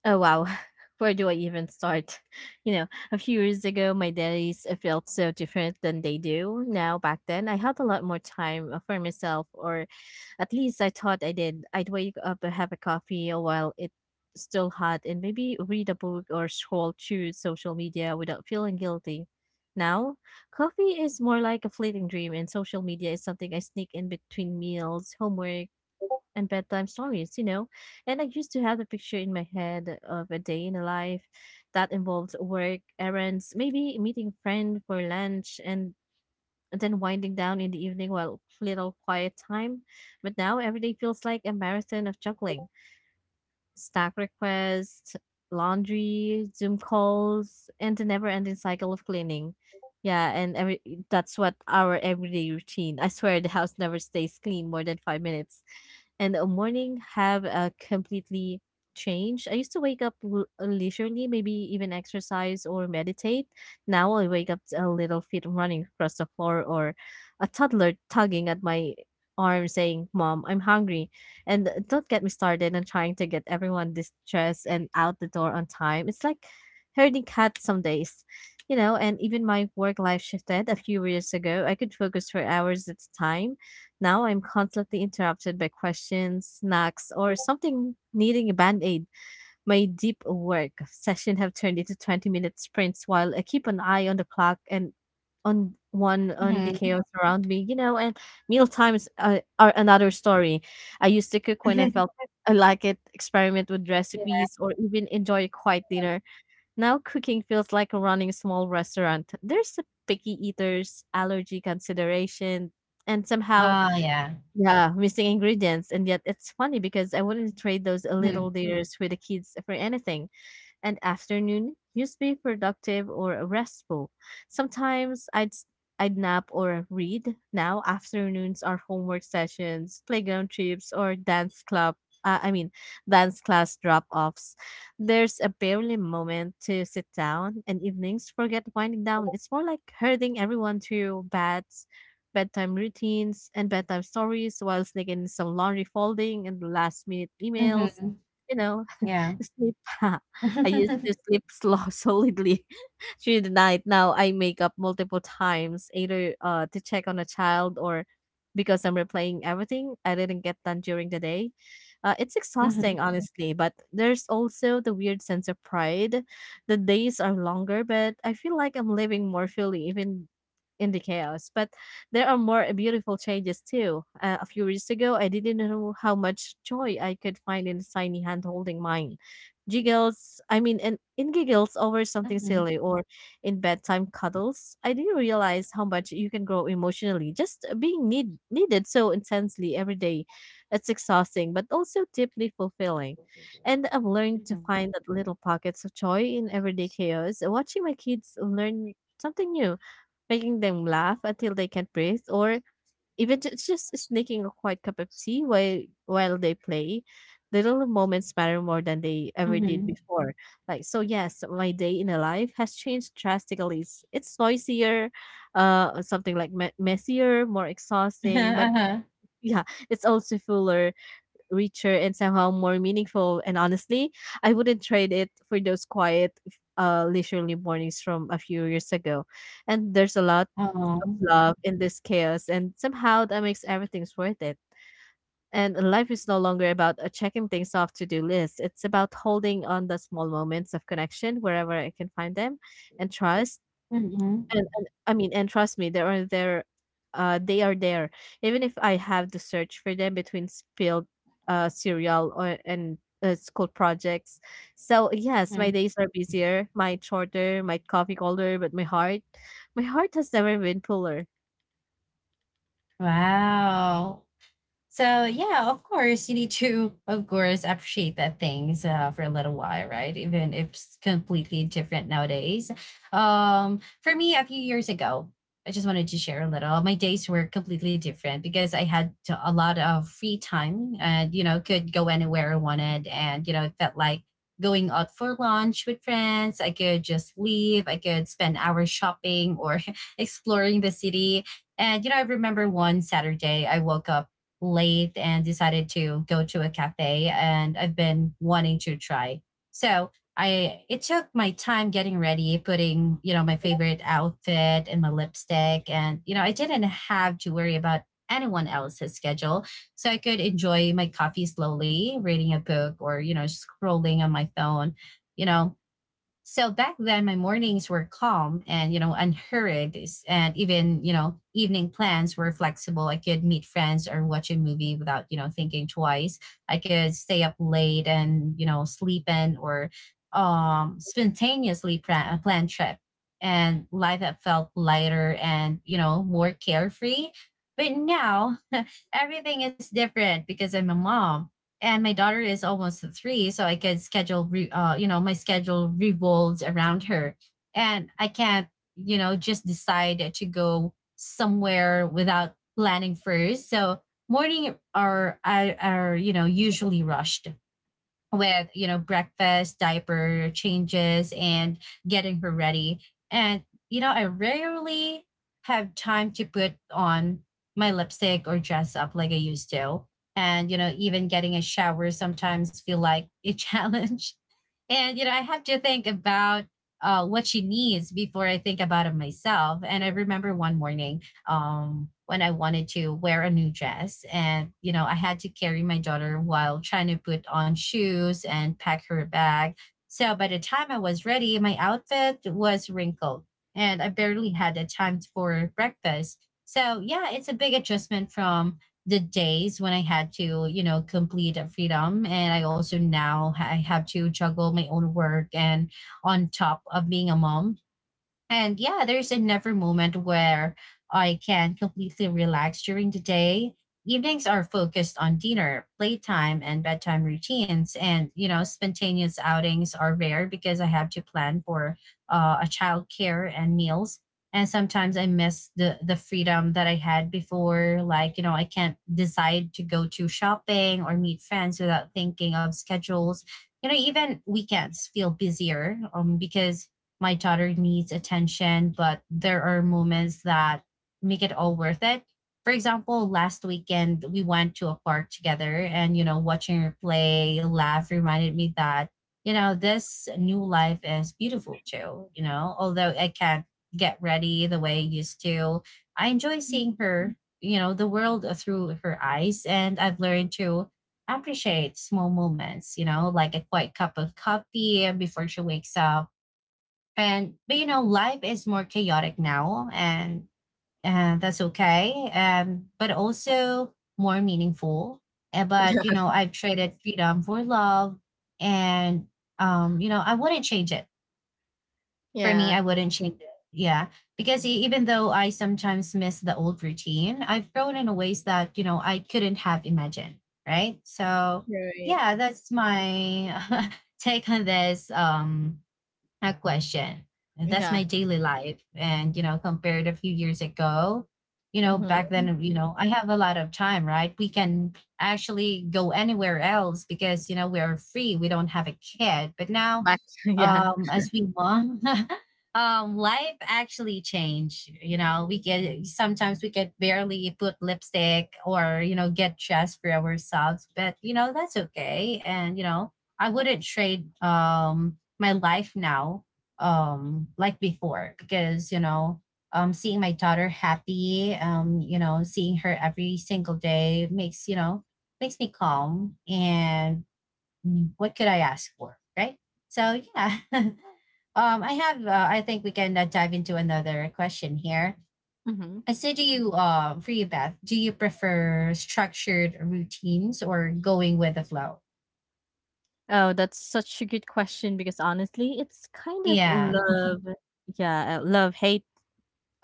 B: Oh wow, where do I even start? You know, a few years ago, my days felt so different than they do now. Back then, I had a lot more time for myself, or at least I thought I did. I'd wake up and have a coffee while it still hot, and maybe read a book or scroll through social media without feeling guilty. Now, coffee is more like a fleeting dream, and social media is something I sneak in between meals, homework, and bedtime stories. You know, and I used to have a picture in my head of a day in a life that involved work, errands, maybe meeting a friend for lunch, and then winding down in the evening while little quiet time. But now every day feels like a marathon of juggling snack requests, laundry, Zoom calls, and the never-ending cycle of cleaning. Yeah, and every that's what our everyday routine. I swear the house never stays clean more than 5 minutes. And the morning have completely changed. I used to wake up leisurely, maybe even exercise or meditate. Now I wake up to a little feet running across the floor, or a toddler tugging at my arm saying, "Mom, I'm hungry." And don't get me started on trying to get everyone distressed and out the door on time. It's like herding cats some days, you know. And even my work life shifted a few years ago. I could focus for hours at a time. Now I'm constantly interrupted by questions, snacks, or something needing a band aid. My deep work session have turned into 20-minute sprints while I keep an eye on the clock and on one on the
A: Hmm.
B: chaos around me, you know. And meal times are another story. I used to cook when I felt it, I like it, experiment with
A: Yeah.
B: recipes, or even enjoy a quiet dinner. Now cooking feels like running a small restaurant. There's a picky eaters, allergy consideration, and somehow,
A: Oh, yeah.
B: yeah, missing ingredients. And yet it's funny because I wouldn't trade those little
A: Hmm.
B: dinners with the kids for anything. And afternoon used to be productive or restful. Sometimes I'd nap or read. Now afternoons are homework sessions, playground trips, or dance club. Uh, I mean, Dance class drop-offs. There's a barely moment to sit down, and evenings forget winding down. It's more like herding everyone to beds, bedtime routines, and bedtime stories while sneaking in some laundry folding and last-minute emails,
A: Hmm.
B: you know.
A: Yeah.
B: Sleep. I used to sleep slow solidly through the night. Now I make up multiple times, either to check on a child, or because I'm replaying everything I didn't get done during the day. It's exhausting,
A: Hmm.
B: honestly, but there's also the weird sense of pride. The days are longer, but I feel like I'm living more fully, even in the chaos. But there are more beautiful changes too. A few years ago, I didn't know how much joy I could find in a tiny hand holding mine, giggles I mean and in giggles over something
A: Hmm.
B: silly, or in bedtime cuddles. I didn't realize how much you can grow emotionally just being needed so intensely every day. It's exhausting but also deeply fulfilling. And I've learned to
A: Hmm.
B: find that little pockets of joy in everyday chaos, watching my kids learn something new, making them laugh until they can't breathe, or even it's just sneaking a quiet cup of tea while they play. Little moments matter more than they ever did
A: Hmm.
B: before. Like so, yes, my day in a life has changed drastically. It's noisier, messier, more exhausting, but
A: Uh-huh.
B: yeah, it's also fuller, richer, and somehow more meaningful. And honestly, I wouldn't trade it for those quiet, leisurely mornings from a few years ago. And there's a lot
A: Oh.
B: love in this chaos, and somehow that makes everything's worth it. And life is no longer about checking things off to do lists. It's about holding on the small moments of connection wherever I can find them, and trust.
A: Hmm.
B: And trust me, they are there. Even if I have to search for them between spilled, cereal or and school projects. So yes, my
A: Hmm.
B: days are busier, my shorter, my coffee colder, but my heart has never been fuller.
A: Wow. So yeah, of course you need to, of course, appreciate that things for a little while, right? Even if it's completely different nowadays. For me, a few years ago, I just wanted to share a little. My days were completely different because a lot of free time, and you know, could go anywhere I wanted, and you know, it felt like going out for lunch with friends. I could just leave. I could spend hours shopping or exploring the city. And you know, I remember one Saturday I woke up late and decided to go to a cafe and I've been wanting to try. So I it took my time getting ready, putting, you know, my favorite outfit and my lipstick, and you know, I didn't have to worry about anyone else's schedule. So I could enjoy my coffee slowly, reading a book or, you know, scrolling on my phone. You know, so back then, my mornings were calm and, you know, unhurried. And even, you know, evening plans were flexible. I could meet friends or watch a movie without, you know, thinking twice. I could stay up late and, you know, sleep in or spontaneously plan trip. And life that felt lighter and, you know, more carefree. But now everything is different because I'm a mom and my daughter is almost three, so I can you know, my schedule revolves around her, and I can't, you know, just decide to go somewhere without planning first. So morning are you know usually rushed with you know breakfast, diaper changes, and getting her ready, and you know I rarely have time to put on my lipstick or dress up like I used to. And you know, even getting a shower sometimes feel like a challenge. And, you know, I have to think about what she needs before I think about it myself. And I remember one morning when I wanted to wear a new dress, and, you know, I had to carry my daughter while trying to put on shoes and pack her bag. So by the time I was ready, my outfit was wrinkled and I barely had the time for breakfast. So, yeah, it's a big adjustment from the days when I had to, you know, complete a freedom. And I also now I have to juggle my own work and on top of being a mom. And yeah, there's never moment where I can completely relax during the day. Evenings are focused on dinner, playtime, and bedtime routines. And, you know, spontaneous outings are rare because I have to plan for a childcare and meals. And sometimes I miss the freedom that I had before. Like, you know, I can't decide to go to shopping or meet friends without thinking of schedules. You know, even weekends feel busier because my daughter needs attention, but there are moments that make it all worth it. For example, last weekend we went to a park together and, you know, watching her play, laugh reminded me that, you know, this new life is beautiful too. You know, although I can't get ready the way I used to, I enjoy seeing her, you know, the world through her eyes. And I've learned to appreciate small moments, you know, like a quiet cup of coffee before she wakes up. And but you know life is more chaotic now and that's okay but also more meaningful. But you know I've traded freedom for love. And you know I wouldn't change it. For me I
B: Yeah,
A: wouldn't change it, yeah, because even though I sometimes miss the old routine, I've grown in ways that you know I couldn't have imagined, right? So
B: you're right.
A: yeah, that's my take on this a question. And that's
B: Yeah,
A: my daily life. And, you know, compared a few years ago, you know, back
B: mhm.
A: then, you know, I have a lot of time, right? We can actually go anywhere else because, you know, we are free. We don't have a kid. But now,
B: Back yeah,
A: as we mom, life actually changed. You know we get sometimes we can barely put lipstick or you know get dressed for ourselves, but you know that's okay. And you know I wouldn't trade my life now like before because you know seeing my daughter happy, you know seeing her every single day makes you know makes me calm. And Mm, what could I ask for? Right? So yeah. I have. I think we can dive into another question here.
B: mhm.
A: I say, do you, for you, Beth, do you prefer structured routines or going with the flow?
B: Oh, that's such a good question because honestly, it's kind of
A: Yeah.
B: love yeah, love-hate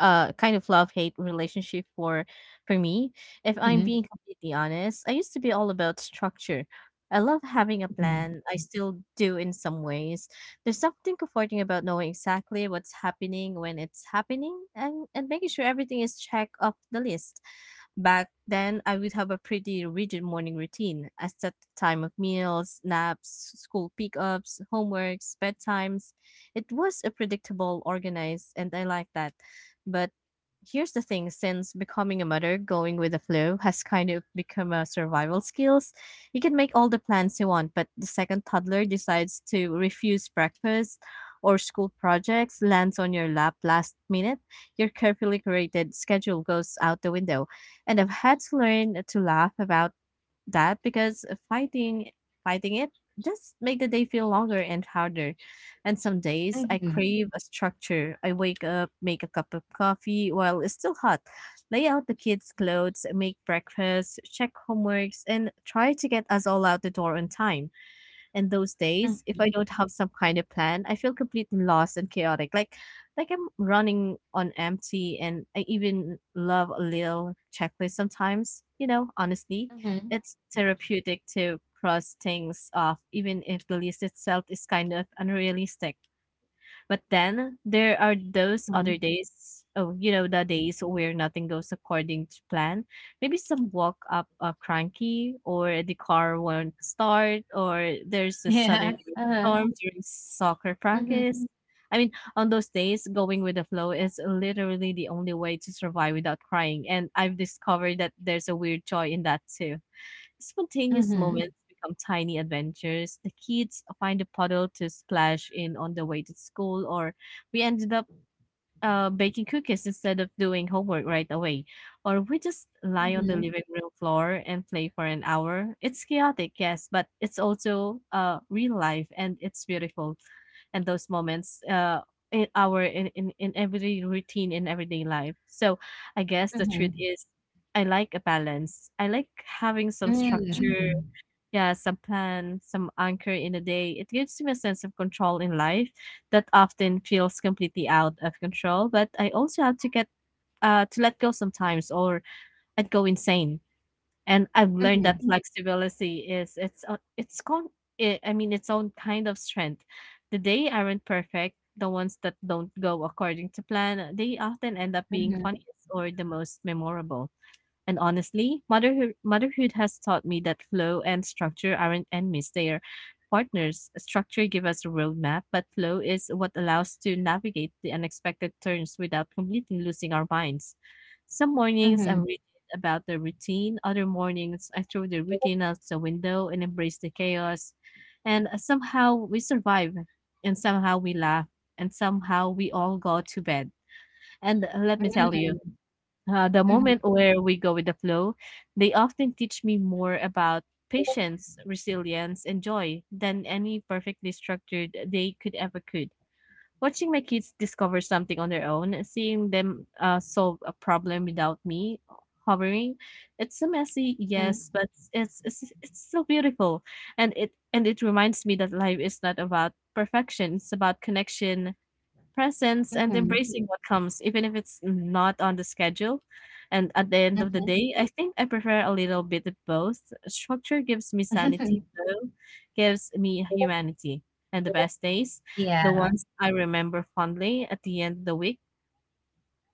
B: kind of love hate relationship for me. If I'm
A: Mhm.
B: being completely honest, I used to be all about structure. I love having a
A: Mhm.
B: plan, I still do in some ways. There's something comforting about knowing exactly what's happening when it's happening, and making sure everything is checked off the list. Back then I would have a pretty rigid morning routine. I set the time of meals, naps, school pickups, homeworks, bedtimes. It was a predictable, organized, and I like that. But here's the thing, since becoming a mother, going with the flow has kind of become a survival skills. You can make all the plans you want, but the second toddler decides to refuse breakfast or school projects lands on your lap last minute, your carefully created schedule goes out the window. And I've had to learn to laugh about that, because fighting it just make the day feel longer and harder. And some days I
A: Mhm.
B: crave a structure. I wake up, make a cup of coffee while it's still hot, lay out the kids' clothes, make breakfast, check homeworks, and try to get us all out the door on time. And those days, if I
A: Mhm.
B: don't have some kind of plan, I feel completely lost and chaotic. Like I'm running on empty, and I even love a little checklist sometimes, you know, honestly.
A: Mhm.
B: It's therapeutic to cross things off, even if the list itself is kind of unrealistic. But then there are those other
A: Mhm.
B: days, oh, you know, the days where nothing goes according to plan. Maybe some walk up are cranky, or the car won't start, or there's a sudden
A: Yeah. Uh-huh.
B: storm during soccer
A: Mhm.
B: practice. I mean, on those days, going with the flow is literally the only way to survive without crying. And I've discovered that there's a weird joy in that too. Spontaneous
A: Mhm.
B: moments become tiny adventures. The kids find a puddle to splash in on the way to school, or we ended up baking cookies instead of doing homework right away. Or we just lie on the
A: Mhm.
B: living room floor and play for an hour. It's chaotic, yes, but it's also real life and it's beautiful. And those moments in our in every routine in everyday life. So I guess the truth
A: Mhm.
B: is I like a balance. I like having some structure,
A: Mhm.
B: yeah, some plan, some anchor in a day. It gives me a sense of control in life that often feels completely out of control. But I also have to get to let go sometimes, or I'd go insane. And I've learned
A: Mhm.
B: that flexibility is it's o- it's con- I mean its own kind of strength. The day aren't perfect. The ones that don't go according to plan, they often end up being
A: Mhm.
B: funniest or the most memorable. And honestly, motherhood has taught me that flow and structure aren't enemies, they are partners. Structure gives us a roadmap, but flow is what allows to navigate the unexpected turns without completely losing our minds. Some
A: Mhm.
B: mornings I'm
A: Mhm.
B: rigid about the routine, other mornings I throw the routine out the window and embrace the chaos. And somehow we survive, and somehow we laugh, and somehow we all go to bed. And let me tell you, the
A: Mhm.
B: moment where we go with the flow, they often teach me more about patience, resilience, and joy than any perfectly structured day could ever could. Watching my kids discover something on their own, seeing them solve a problem without me hovering, it's so messy, yes,
A: Mhm.
B: but it's so beautiful, and it reminds me that life is not about perfection; it's about connection, presence, and
A: Mhm.
B: embracing what comes, even if it's not on the schedule. And at the end of the day, I think I prefer a little bit of both. Structure gives me sanity,
A: Mhm.
B: though, gives me humanity. And the best days, the
A: Yeah.
B: ones I remember fondly at the end of the week,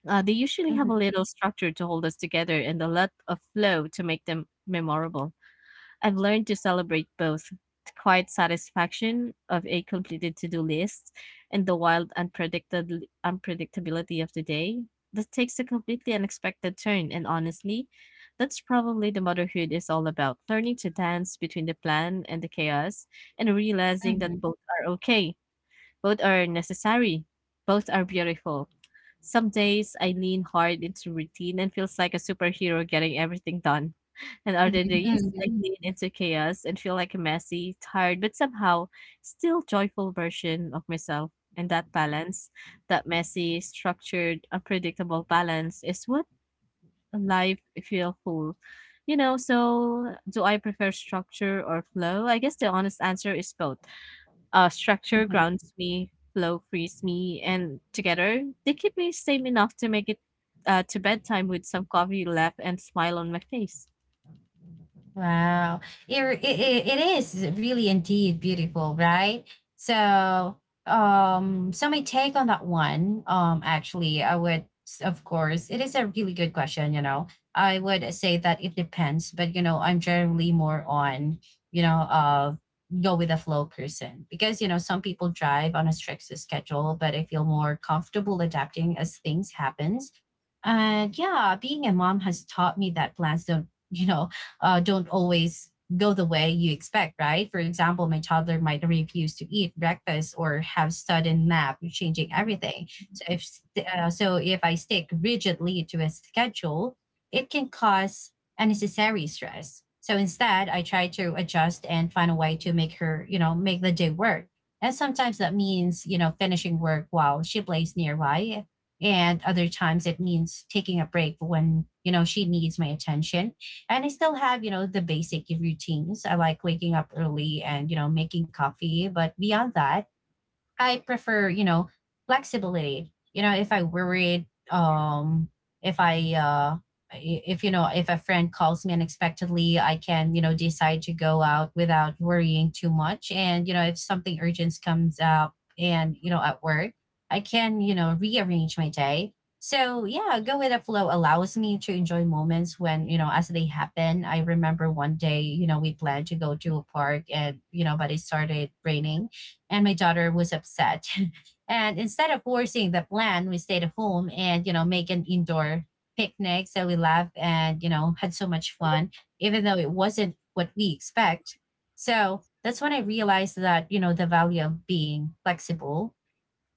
B: they usually have a
A: Mhm,
B: little structure to hold us together and a lot of flow to make them memorable. I've learned to celebrate both the quiet satisfaction of a completed to-do list, and the wild unpredictable unpredictability of the day that takes a completely unexpected turn. And honestly, that's probably the motherhood is all about learning to dance between the plan and the chaos, and realizing that
A: mhm,
B: both are okay, both are necessary, both are beautiful. Some days I lean hard into routine and feels like a superhero getting everything done, and
A: mhm,
B: other days, I
A: mhm,
B: lean into chaos and feel like a messy, tired, but somehow still joyful version of myself. And that balance, that messy, structured, unpredictable balance, is what life feel full. You know, so do I prefer structure or flow? I guess the honest answer is both. Structure
A: mhm.
B: grounds me, flow frees me, and together they keep me sane enough to make it to bedtime with some coffee left and smile on my face.
A: Wow. It is really indeed beautiful, right? So, so my take on that one, actually, I would, of course, it is a really good question, you know. I would say that it depends, but, you know, I'm generally more on, you know, go with the flow person because, you know, some people drive on a strict schedule, but I feel more comfortable adapting as things happens. And yeah, being a mom has taught me that plans don't, you know, don't always go the way you expect, right? For example, my toddler might refuse to eat breakfast or have sudden nap, changing everything. So if I stick rigidly to a schedule, it can cause unnecessary stress. So instead, I try to adjust and find a way to make her, you know, make the day work. And sometimes that means, you know, finishing work while she plays nearby. And other times it means taking a break when, you know, she needs my attention. And I still have, you know, the basic routines. I like waking up early and, you know, making coffee. But beyond that, I prefer, you know, flexibility. You know, if I worried, if I, I- if you know, if a friend calls me unexpectedly, I can, you know, decide to go out without worrying too much. And you know, if something urgent comes up, and you know, at work, I can, you know, rearrange my day. So yeah, go with the flow allows me to enjoy moments when you know as they happen. I remember one day, you know, we planned to go to a park, and you know, but it started raining and my daughter was upset. And instead of forcing the plan, we stayed at home and, you know, make an indoor picnic. So we laughed and, you know, had so much fun, even though it wasn't what we expect. So that's when I realized that, you know, the value of being flexible.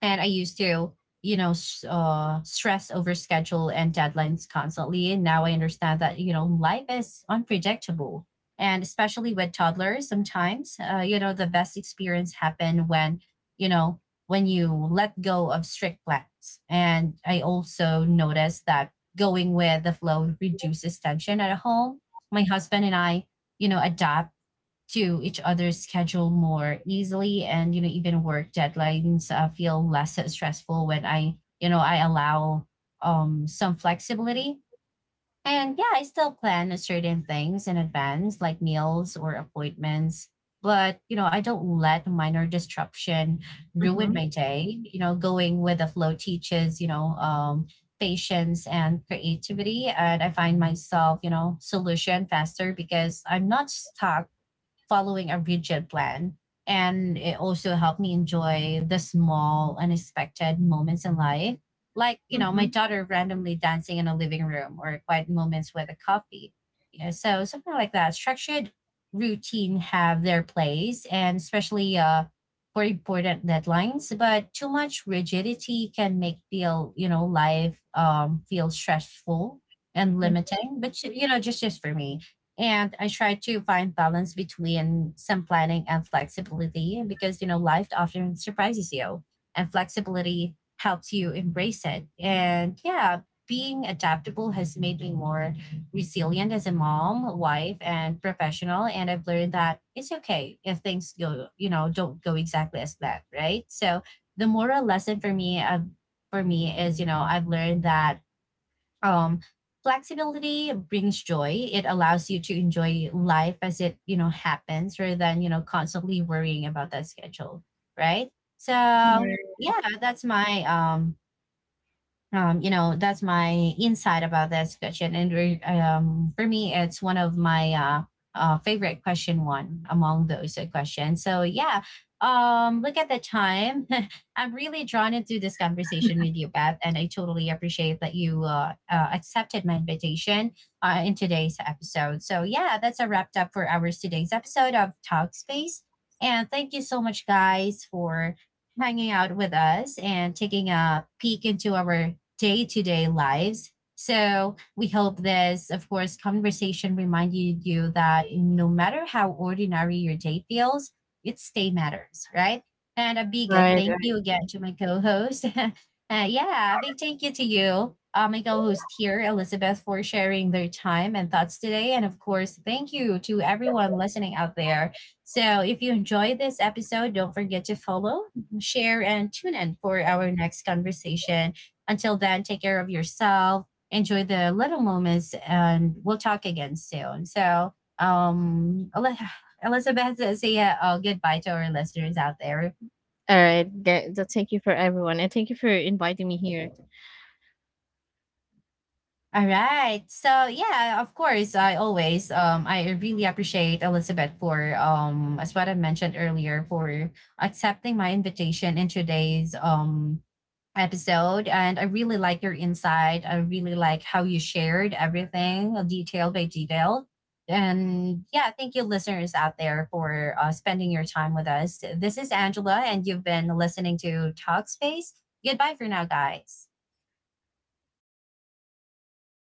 A: And I used to, you know, stress over schedule and deadlines constantly. And now I understand that, you know, life is unpredictable. And especially with toddlers, sometimes, you know, the best experience happen when, you know, when you let go of strict plans. And I also noticed that going with the flow reduces tension at home. My husband and I, you know, adapt to each other's schedule more easily. And you know even work deadlines feel less stressful when I you know I allow some flexibility. And yeah I still plan certain things in advance like meals or appointments, but you know I don't let minor disruption ruin
B: Mm-hmm.
A: my day. You know going with the flow teaches you know patience and creativity. And I find myself you know solution faster because I'm not stuck following a rigid plan. And it also helped me enjoy the small, unexpected moments in life. Like, you know, my daughter randomly dancing in a living room or quiet moments with a coffee. Yeah, so something like that. Structured routine have their place and especially for important deadlines, but too much rigidity can make feel, you know, life feel stressful and
B: Mhm.
A: limiting, but you know, just for me. And I try to find balance between some planning and flexibility because you know life often surprises you. And flexibility helps you embrace it. And yeah being adaptable has made me more resilient as a mom, wife, and professional. And I've learned that it's okay if things go you know don't go exactly as planned, right? So the moral lesson for me is you know I've learned that um flexibility brings joy. It allows you to enjoy life as it you know happens rather than you know constantly worrying about that schedule, right? So
B: Right.
A: yeah that's my you know, that's my insight about that question. And for me, it's one of my favorite question one among those questions. So yeah, look at the time. I'm really drawn into this conversation with you, Beth, and I totally appreciate that you accepted my invitation in today's episode. So yeah, that's a wrapped up for ours today's episode of Talk Space. And thank you so much, guys, for hanging out with us and taking a peek into our day to day lives. So we hope this, of course, conversation reminded you that no matter how ordinary your day feels, it stay matters, right? And a big thank you again to my co-host. Yeah, a big thank you to you, my co-host here, Elizabeth, for sharing their time and thoughts today. And of course, thank you to everyone listening out there. So if you enjoyed this episode, don't forget to follow, share, and tune in for our next conversation. Until then, take care of yourself, enjoy the little moments, and we'll talk again soon. So, Elizabeth, say goodbye to our listeners out there.
B: All right. Thank you for everyone. And thank you for inviting me here.
A: All right. So yeah, of course, I always I really appreciate Elizabeth for as what I mentioned earlier for accepting my invitation in today's episode. And I really like your insight, I really like how you shared everything detail by detail. And yeah thank you listeners out there for spending your time with us. This is Angela and you've been listening to Talkspace. Goodbye for now guys.